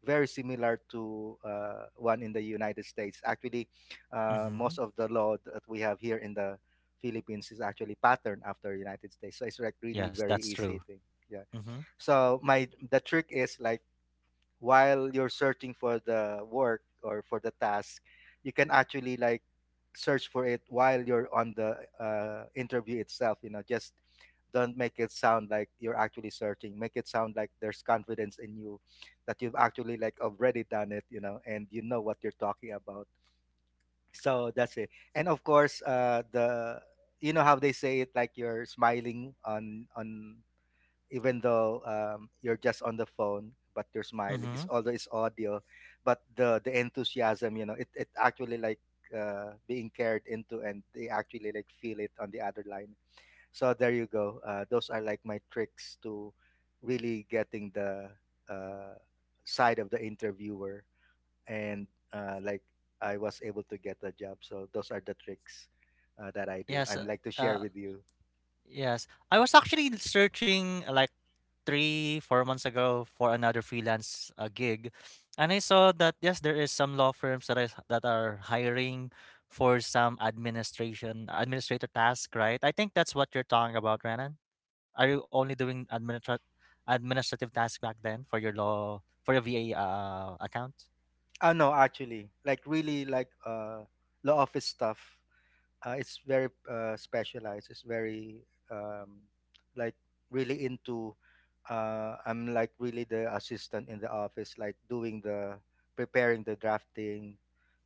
S1: very similar to one in the United States. Actually,
S2: Mm-hmm.
S1: most of the law that we have here in the Philippines is actually patterned after United States, so it's like really
S2: Yes,
S1: very
S2: that's true.
S1: easy thing. Yeah.
S2: Mm-hmm.
S1: So my The trick is like while you're searching for the work or for the task, you can actually like search for it while you're on the interview itself. You know, just don't make it sound like you're actually searching. Make it sound like there's confidence in you that you've actually like already done it. You know, and you know what you're talking about. So that's it. And of course, the you know how they say it, like you're smiling on, even though you're just on the phone, but you're smiling,
S2: Mm-hmm.
S1: it's although it's audio, but the enthusiasm, you know, it actually like being cared into, and they actually like feel it on the other line. So there you go. Those are like my tricks to really getting the uh, side of the interviewer, and like I was able to get the job. So those are the tricks that I do,
S2: Yes.
S1: I'm like to share
S2: Uh,
S1: with you.
S2: yes. I was actually searching, like, three, 4 months ago for another freelance gig, and I saw that yes, there is some law firms that is that are hiring for some administration administrator task, right? I think that's what you're talking about, Renan. Are you only doing administrative tasks back then for your VA account?
S1: No, actually, like really like law office stuff. It's very specialized. It's very um like really into, I'm like really the assistant in the office, like doing the preparing the drafting,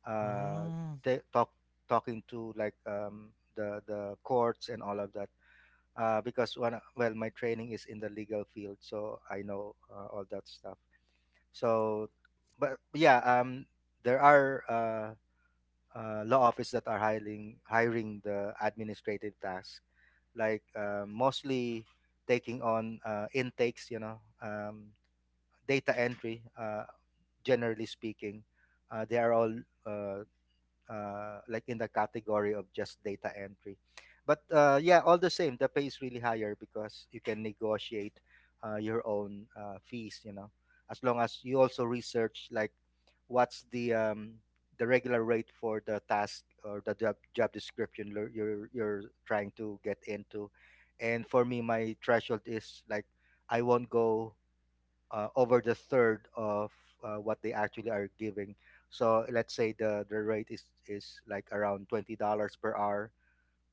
S1: uh
S2: Mm,
S1: ta talk talking to like the courts and all of that. Because one, well, my training is in the legal field, so I know all that stuff. So, but yeah, there are law office that are hiring the administrative tasks, like mostly taking on intakes, you know, data entry. Generally speaking, they are all uh, like in the category of just data entry. But yeah, all the same, the pay is really higher because you can negotiate your own fees. You know, as long as you also research like what's the regular rate for the task or the job, you're trying to get into. And for me, my threshold is like I won't go over the third of what they actually are giving. So let's say the rate is like around $20 per hour.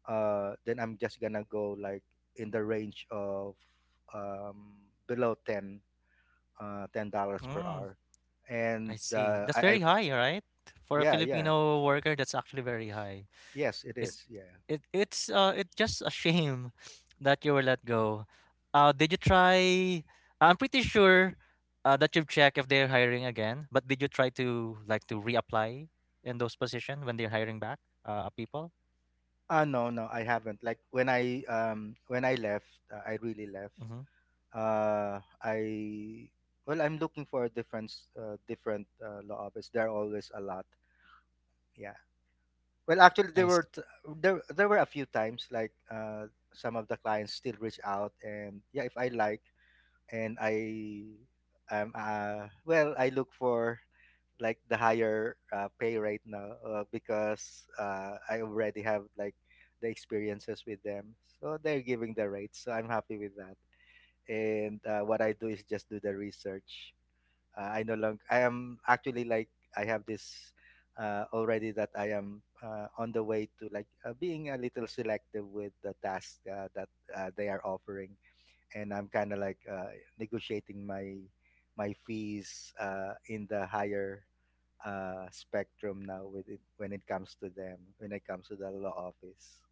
S1: Then I'm just gonna go like in the range of below $10 per
S2: mm,
S1: hour,
S2: I
S1: and
S2: see. That's very high, right? For a
S1: yeah, yeah,
S2: Filipino worker, that's actually very high.
S1: yes it
S2: It's
S1: is, yeah.
S2: it's just a shame that you were let go. Did you try? I'm pretty sure that you've checked if they're hiring again. But did you try to reapply in those positions when they're hiring back people?
S1: No, no, I haven't, like when I left I really left.
S2: Mm-hmm.
S1: uh i I'm looking for a different different law office. There are always a lot. Yeah, well, actually there
S2: I s-
S1: were there were a few times like some of the clients still reach out, and yeah, if I like, and I I look for like the higher pay rate now because I already have like the experiences with them, so they're giving the rates, so I'm happy with that, and what I do is just do the research. I no longer I am actually like I have this already that I am on the way to like being a little selective with the task that they are offering, and I'm kind of like negotiating my fees in the higher spectrum now with it, when it comes to the law office.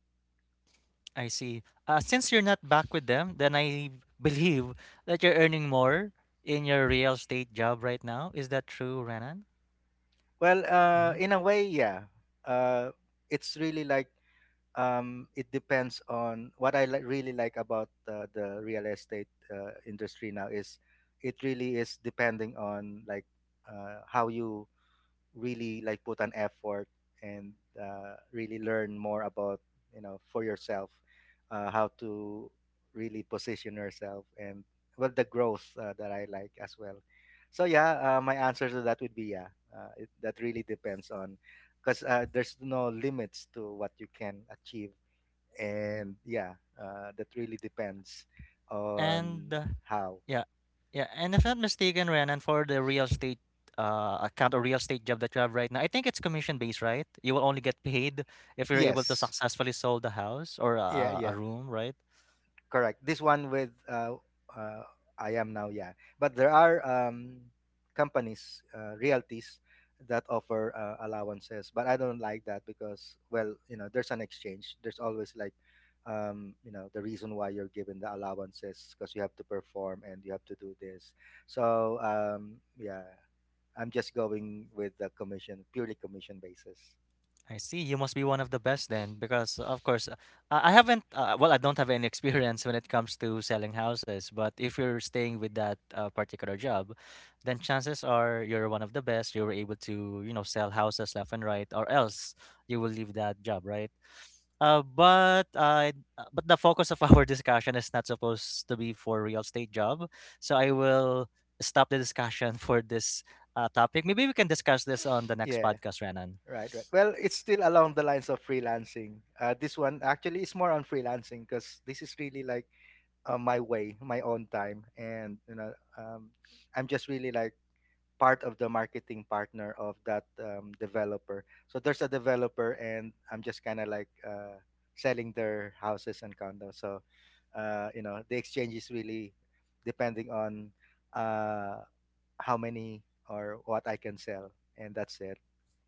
S2: I see. Since you're not back with them, then I believe that you're earning more in your real estate job right now. Is that true, Renan?
S1: Well,
S2: Mm-hmm.
S1: in a way, yeah. Uh, it's really like, it depends on what I really like about the real estate industry now is, it really is depending on like how you really like put an effort, and really learn more about, you know, for yourself how to really position yourself, and, well, the growth that I like as well. So yeah, my answer to that would be yeah. That really depends on, because there's no limits to what you can achieve, and yeah, that really depends on
S2: And
S1: how.
S2: yeah, yeah. And if not mistaken, Rhiannon, for the real estate account or real estate job that you have right now, I think it's commission based, right? You will only get paid if you're able to
S1: Yes,
S2: successfully sold the house or a,
S1: yeah,
S2: a a
S1: yeah,
S2: room, right?
S1: correct. This one with uh, I am now, yeah. But there are companies, realties that offer allowances, but I don't like that because, well, you know, there's an exchange, there's always like, you know, the reason why you're given the allowances because you have to perform and you have to do this. So yeah, I'm just going with the commission, purely commission basis.
S2: I see. You must be one of the best then, because of course, I haven't. Well, I don't have any experience when it comes to selling houses. But if you're staying with that particular job, then chances are you're one of the best. You were able to, you know, sell houses left and right, or else you will leave that job, right? Uh, but uh, but the focus of our discussion is not supposed to be for real estate job. So I will stop the discussion for this topic. Maybe we can discuss this on the next
S1: Yeah,
S2: podcast, Renan.
S1: right, right. Well, it's still along the lines of freelancing. This one actually is more on freelancing because this is really like my way, my own time, and, you know, um, I'm just really like part of the marketing partner of that developer. So there's a developer, and I'm just kind of like selling their houses and condos. So, you know, the exchange is really depending on uh, how many or what I can sell, and that's it.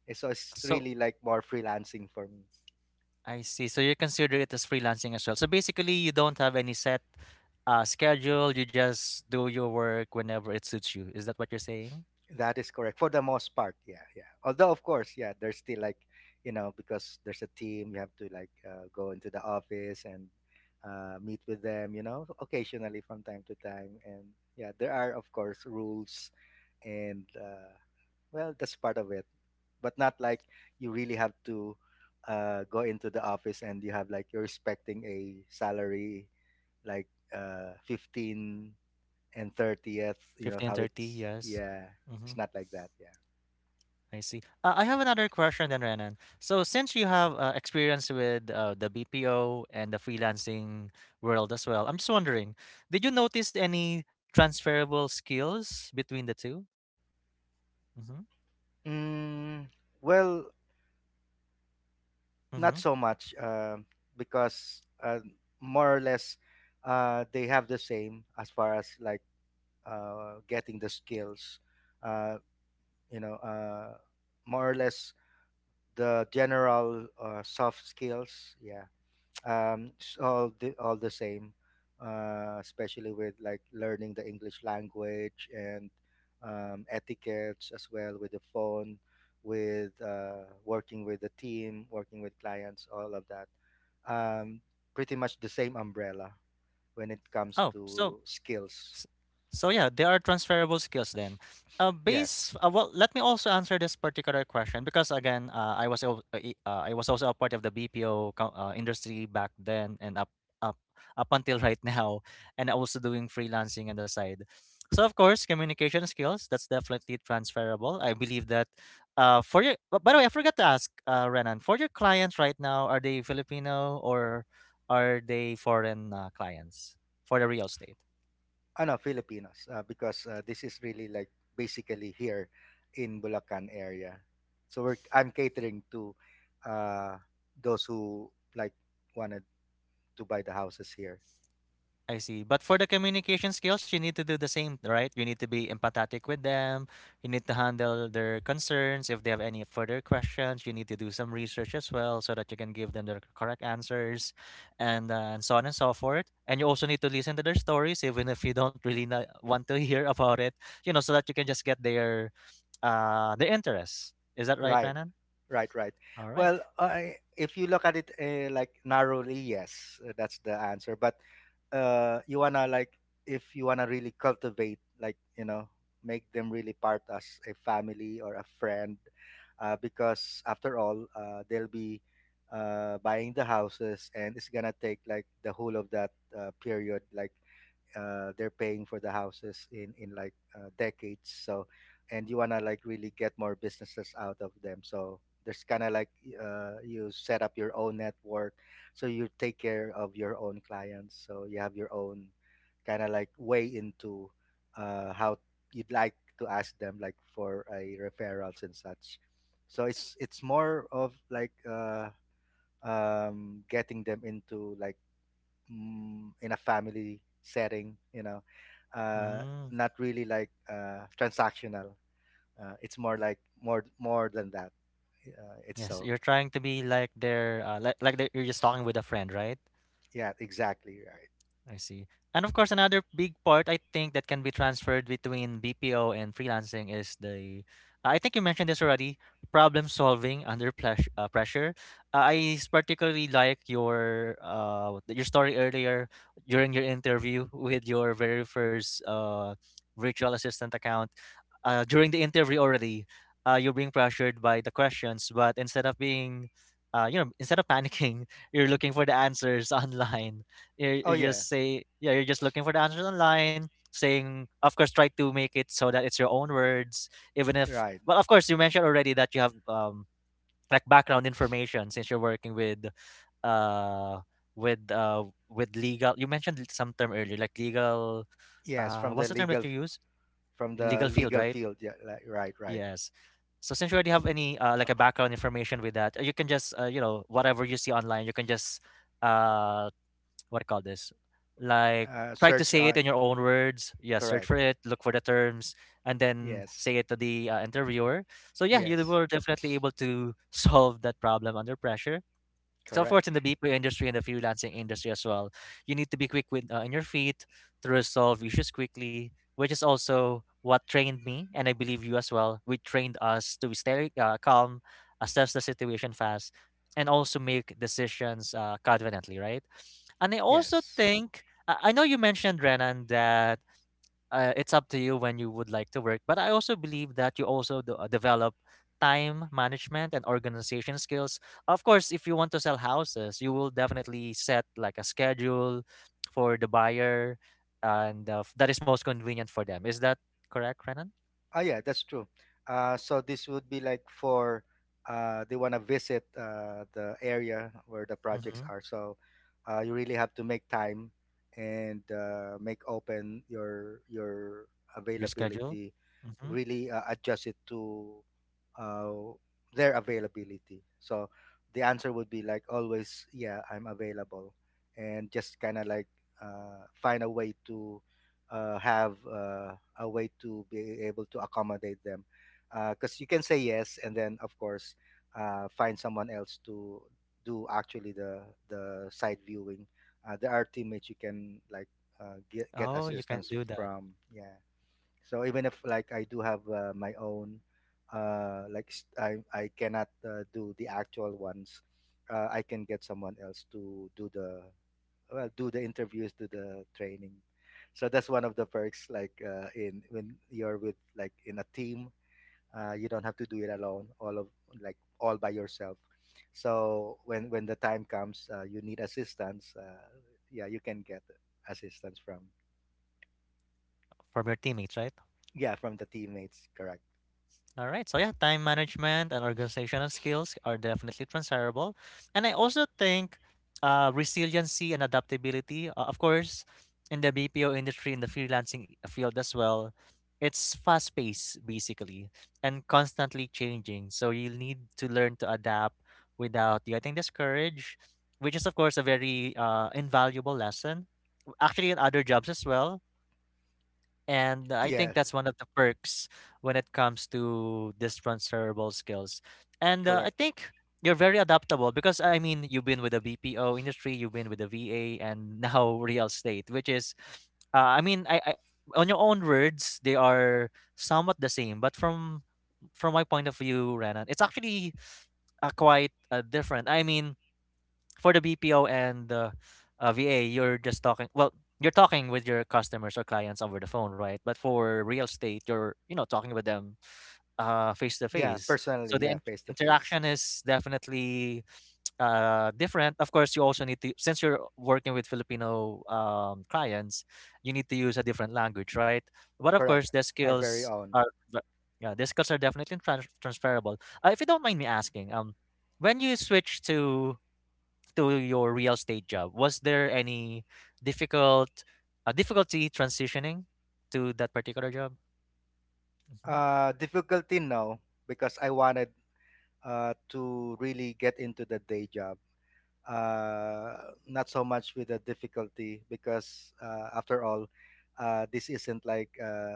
S1: And so it's
S2: So,
S1: really like more freelancing for me.
S2: I see. So you consider it as freelancing as well. So basically, you don't have any set schedule. You just do your work whenever it suits you. Is that what you're saying?
S1: That is correct for the most part. Yeah, yeah. Although of course, yeah, there's still like, you know, because there's a team, you have to like go into the office and meet with them, you know, occasionally from time to time. And yeah, there are of course rules, and well, that's part of it. But not like you really have to go into the office and you have like you're expecting a salary like 15 and 30th, you know
S2: 15
S1: how
S2: 30.
S1: it's.
S2: Yes.
S1: Yeah,
S2: Mm-hmm.
S1: it's not like that, yeah.
S2: I see. I have another question then, Renan. So since you have experience with the BPO and the freelancing world as well, I'm just wondering, did you notice any transferable skills between the two?
S1: mm, well,
S2: Mm-hmm.
S1: not
S2: Mm-hmm.
S1: so much. Because more or less they have the same as far as like getting the skills, uh you know, more or less the general soft skills, yeah. It's all the same, especially with like learning the English language and etiquettes as well with the phone, with working with the team, working with clients, all of that. Um, Pretty much the same umbrella when it comes
S2: Oh, so
S1: to
S2: S-
S1: skills.
S2: So yeah, there are transferable skills then. Base.
S1: Yes.
S2: Well, let me also answer this particular question because again, I was also a part of the BPO industry back then and up up until right now, and also doing freelancing on the side. So of course, communication skills, that's definitely transferable. I believe that. By the way, I forgot to ask, Renan, for your clients right now, are they Filipino or are they foreign clients for the real estate?
S1: No, Filipinos, because this is really like basically here in Bulacan area. So we're I'm catering to uh, those who like wanted to buy the houses here.
S2: I see. But for the communication skills, you need to do the same, right? You need to be empathetic with them. You need to handle their concerns. If they have any further questions, you need to do some research as well so that you can give them the correct answers and so on and so forth. And you also need to listen to their stories, even if you don't really want to hear about it, you know, so that you can just get their interests. Is that right,
S1: Right.
S2: Renan?
S1: Right, right.
S2: All right.
S1: Well, I if you look at it like narrowly, yes, that's the answer. But you wanna like if you wanna really cultivate, like, you know, make them really part as a family or a friend, because after all, they'll be buying the houses, and it's gonna take like the whole of that period. Like they're paying for the houses in like decades. So, and you want to like really get more businesses out of them, so there's kind of like you set up your own network, so you take care of your own clients, so you have your own kind of like way into how you'd like to ask them like for a referrals and such. So it's more of like getting them into like, in a family setting, you know. uh,
S2: Mm.
S1: Not really like transactional, it's more like more than that, it's
S2: Yes,
S1: so.
S2: you're trying to be like their, like they you're just talking with a friend, right?
S1: Yeah, exactly, right.
S2: I see. And of course, another big part I think that can be transferred between BPO and freelancing is the, I think you mentioned this already, problem solving under pressure. I particularly like your story earlier during your interview with your very first virtual assistant account. During the interview already, you're being pressured by the questions, but instead of being, you know, instead of panicking, you're looking for the answers online. you're
S1: Oh
S2: you
S1: yeah,
S2: just say yeah, you're just looking for the answers online, saying of course try to make it so that it's your own words, even if,
S1: right.
S2: well, of course, you mentioned already that you have like background information since you're working with uh legal. You mentioned some term earlier like legal.
S1: Yes,
S2: What's the term that you use?
S1: from
S2: Legal
S1: the
S2: field,
S1: legal
S2: right?
S1: field, yeah. Like, right, right.
S2: Yes. So since you already have any like a background information with that, you can just, you know, whatever you see online you can just uh what do you call this? Like try to
S1: Search,
S2: say it in your own words. Yeah, search
S1: correct.
S2: for it, look for the terms, and then
S1: Yes.
S2: say it to the interviewer. So yeah, you
S1: Yes,
S2: were definitely able to solve that problem under pressure. So, of
S1: correct.
S2: course, in the BPO industry and the freelancing industry as well, you need to be quick with, on your feet to resolve issues quickly, which is also what trained me, and I believe you as well. We trained us to stay calm, assess the situation fast, and also make decisions confidently, right? And I also
S1: Yes.
S2: think I know you mentioned, Renan, that it's up to you when you would like to work. But I also believe that you also develop time management and organization skills. Of course, if you want to sell houses, you will definitely set like a schedule for the buyer, and that is most convenient for them. Is that correct, Renan?
S1: Oh yeah, that's true. So this would be like for they want to visit the area where the projects
S2: Mm-hmm.
S1: are. So you really have to make time and make open your
S2: Your schedule.
S1: availability.
S2: Mm-hmm.
S1: Really adjust it to uh, their availability. So the answer would be like always, yeah, I'm available, and just kind of like find a way to have a way to be able to accommodate them because you can say yes, and then of course find someone else to do actually the side viewing. Uh, there are teammates you can like uh, get
S2: Oh, you can
S1: assistance
S2: do that
S1: from. Yeah, so even if like I do have my own, uh, I cannot do the actual ones, I can get someone else to do the, well, do the interviews, do the training. So that's one of the perks, like in, when you're with, like, in a team, you don't have to do it alone, all of, like, all by yourself. So when the time comes, you need assistance, yeah, you can get assistance from.
S2: from your teammates, right?
S1: Yeah, from the teammates, correct.
S2: All right. So yeah, time management and organizational skills are definitely transferable. And I also think resiliency and adaptability, of course, in the BPO industry, in the freelancing field as well, it's fast paced basically and constantly changing. So you need to learn to adapt without getting discouraged, which is, of course, a very invaluable lesson. Actually, in other jobs as well, and I think
S1: Yes,
S2: that's one of the perks when it comes to these transferable skills. And I
S1: correct.
S2: think you're very adaptable because I mean, you've been with the BPO industry, you've been with the VA, and now real estate, which is, I mean, I on your own words, they are somewhat the same. But from my point of view, Renan, it's actually quite different. I mean, for the BPO and the VA, you're just talking. Well, you're talking with your customers or clients over the phone, right? But for real estate, you're, you know, talking with them face to
S1: Yeah,
S2: face.
S1: personally,
S2: So the
S1: yeah, face to face.
S2: interaction is definitely different. Of course, you also need to, since you're working with Filipino clients, you need to use a different language, right? But of course,
S1: Correct,
S2: the
S1: our very
S2: skills
S1: own.
S2: are ve- yeah, the skills are definitely transferable. If you don't mind me asking, when you switch to your real estate job, was there any difficult difficulty transitioning to that particular job? hmm
S1: Uh, difficulty? No, because I wanted to really get into the day job. Uh, not so much with the difficulty, because after all, this isn't like uh,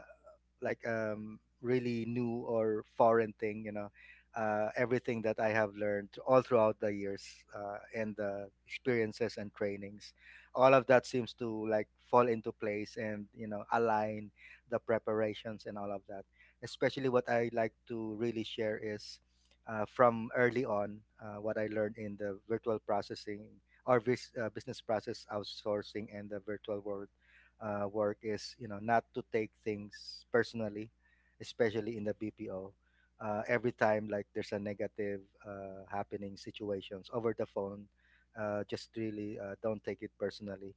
S1: like um, really new or foreign thing. You know, everything that I have learned all throughout the years, and the experiences and trainings, all of that seems to like fall into place, and you know, align the preparations and all of that. Especially what I like to really share is, from early on, what I learned in the virtual processing, or business process outsourcing, and the virtual world work, is you know, not to take things personally, especially in the BPO. Every time like there's a negative, happening situations over the phone, just really don't take it personally.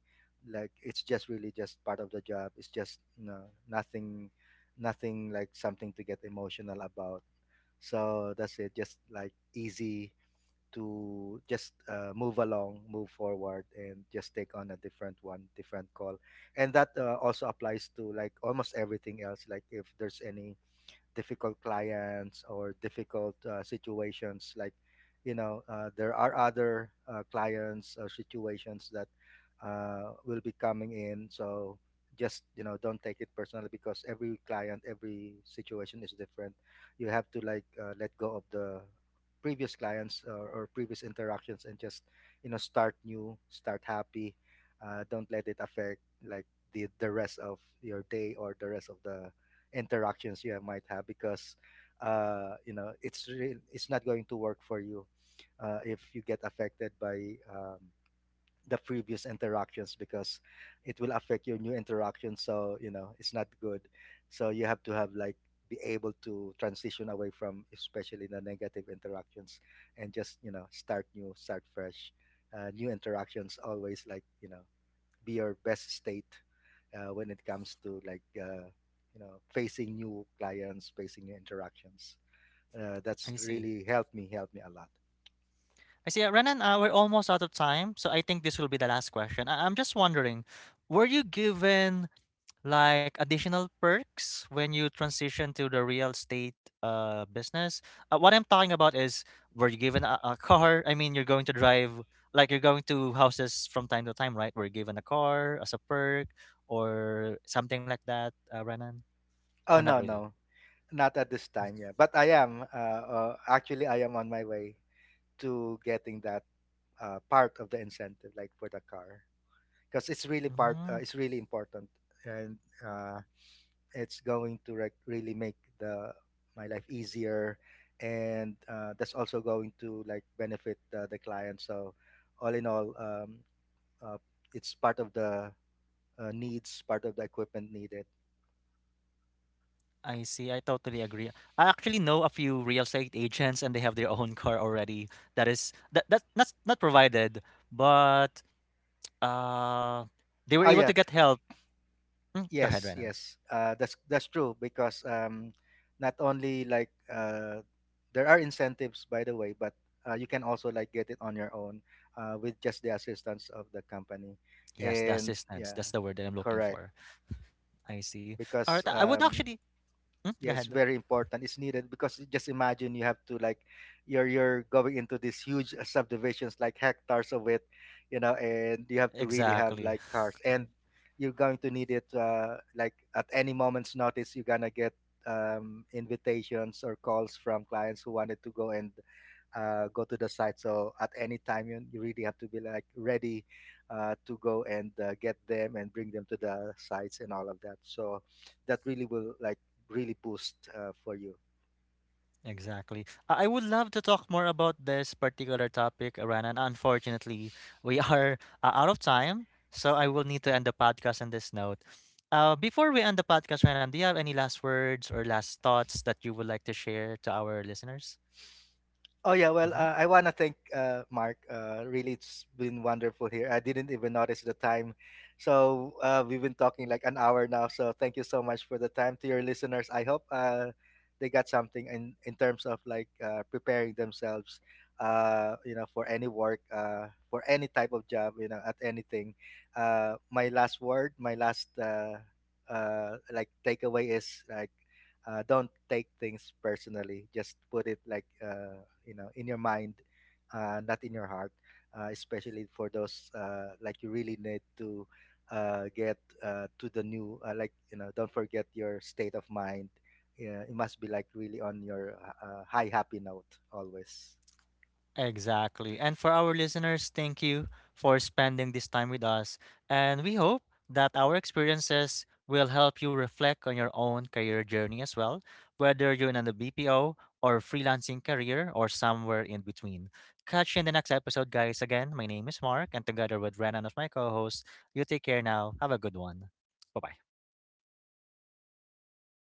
S1: Like, it's just really just part of the job. It's just, you know, nothing, nothing like something to get emotional about. So that's it. Just like easy to just move along, move forward, and just take on a different one, different call. And that also applies to like almost everything else. Like if there's any difficult clients or difficult situations, like you know, there are other clients or situations that will be coming in. So just, you know, don't take it personally, because every client, every situation is different. You have to like let go of the previous clients, or previous interactions, and just, you know, start new, start happy. Uh, don't let it affect, like, the rest of your day or the rest of the interactions you might have, because you know, it's real, it's not going to work for you if you get affected by the previous interactions, because it will affect your new interactions. So you know, it's not good. So you have to have, like, be able to transition away from, especially the negative interactions, and just, you know, start new, start fresh. Uh, new interactions always, like, you know, be your best state when it comes to like you know, facing new clients, facing new interactions. Uh,
S2: I
S1: that's
S2: see.
S1: really helped me, helped me a lot.
S2: I see. Renan, we're almost out of time, so I think this will be the last question. I'm just wondering, were you given like additional perks when you transition to the real estate business? What I'm talking about is, were you given a car? I mean, you're going to drive, like you're going to houses from time to time, right? Were you given a car as a perk or something like that, Renan? Or
S1: Oh
S2: not
S1: no,
S2: really?
S1: no, not at this time. Yeah, but I am, actually, I am on my way to getting that part of the incentive, like for the car, because it's really part.
S2: Mm,
S1: It's really important, and uh, it's going to like really make the, my life easier, and that's also going to like benefit the client. So all in all, uh, it's part of the needs, part of the equipment needed.
S2: I see. I totally agree. I actually know a few real estate agents and they have their own car already. That is that that's not provided, but uh they were
S1: Oh
S2: able to
S1: yeah.
S2: get help. Mm, go ahead,
S1: Yes,
S2: Renan.
S1: yes, that's true, because not only like there are incentives, by the way, but you can also like get it on your own with just the assistance of the company.
S2: Yes, the
S1: And
S2: assistance.
S1: yeah,
S2: That's the word that I'm looking
S1: correct.
S2: for. I see. All right.
S1: Because
S2: I would
S1: um,
S2: actually. Mm, go
S1: yeah, it's
S2: ahead.
S1: very important, it's needed, because just imagine, you have to like, you're going into these huge subdivisions like hectares of it, you know, and you have to really have
S2: Exactly.
S1: like cars, and you're going to need it like at any moment's notice. You're gonna get invitations or calls from clients who wanted to go and go to the site. So at any time, you really have to be like ready to go and get them and bring them to the sites and all of that. So that really will like really boost for you.
S2: Exactly. I would love to talk more about this particular topic, Renan. Unfortunately, we are out of time, so I will need to end the podcast on this note. Before we end the podcast, Renan, do you have any last words or last thoughts that you would like to share to our listeners?
S1: Oh yeah, well,
S2: Mm-hmm.
S1: I want to thank Mark. Really, it's been wonderful here. I didn't even notice the time, so we've been talking like an hour now. So thank you so much for the time to your listeners. I hope they got something in terms of like preparing themselves, you know, for any work, for any type of job, you know, at anything. My last word, my last like takeaway is like don't take things personally. Just put it like you know, in your mind, not in your heart, especially for those, like, you really need to get to the new, like, you know, don't forget your state of mind. Yeah, it must be like really on your high happy note, always.
S2: Exactly. And for our listeners, thank you for spending this time with us. And we hope that our experiences will help you reflect on your own career journey as well, whether you're in a BPO or freelancing career or somewhere in between. Catch you in the next episode, guys. Again, my name is Mark, and together with Renan as my co host, you take care now. Have a good one. Bye bye.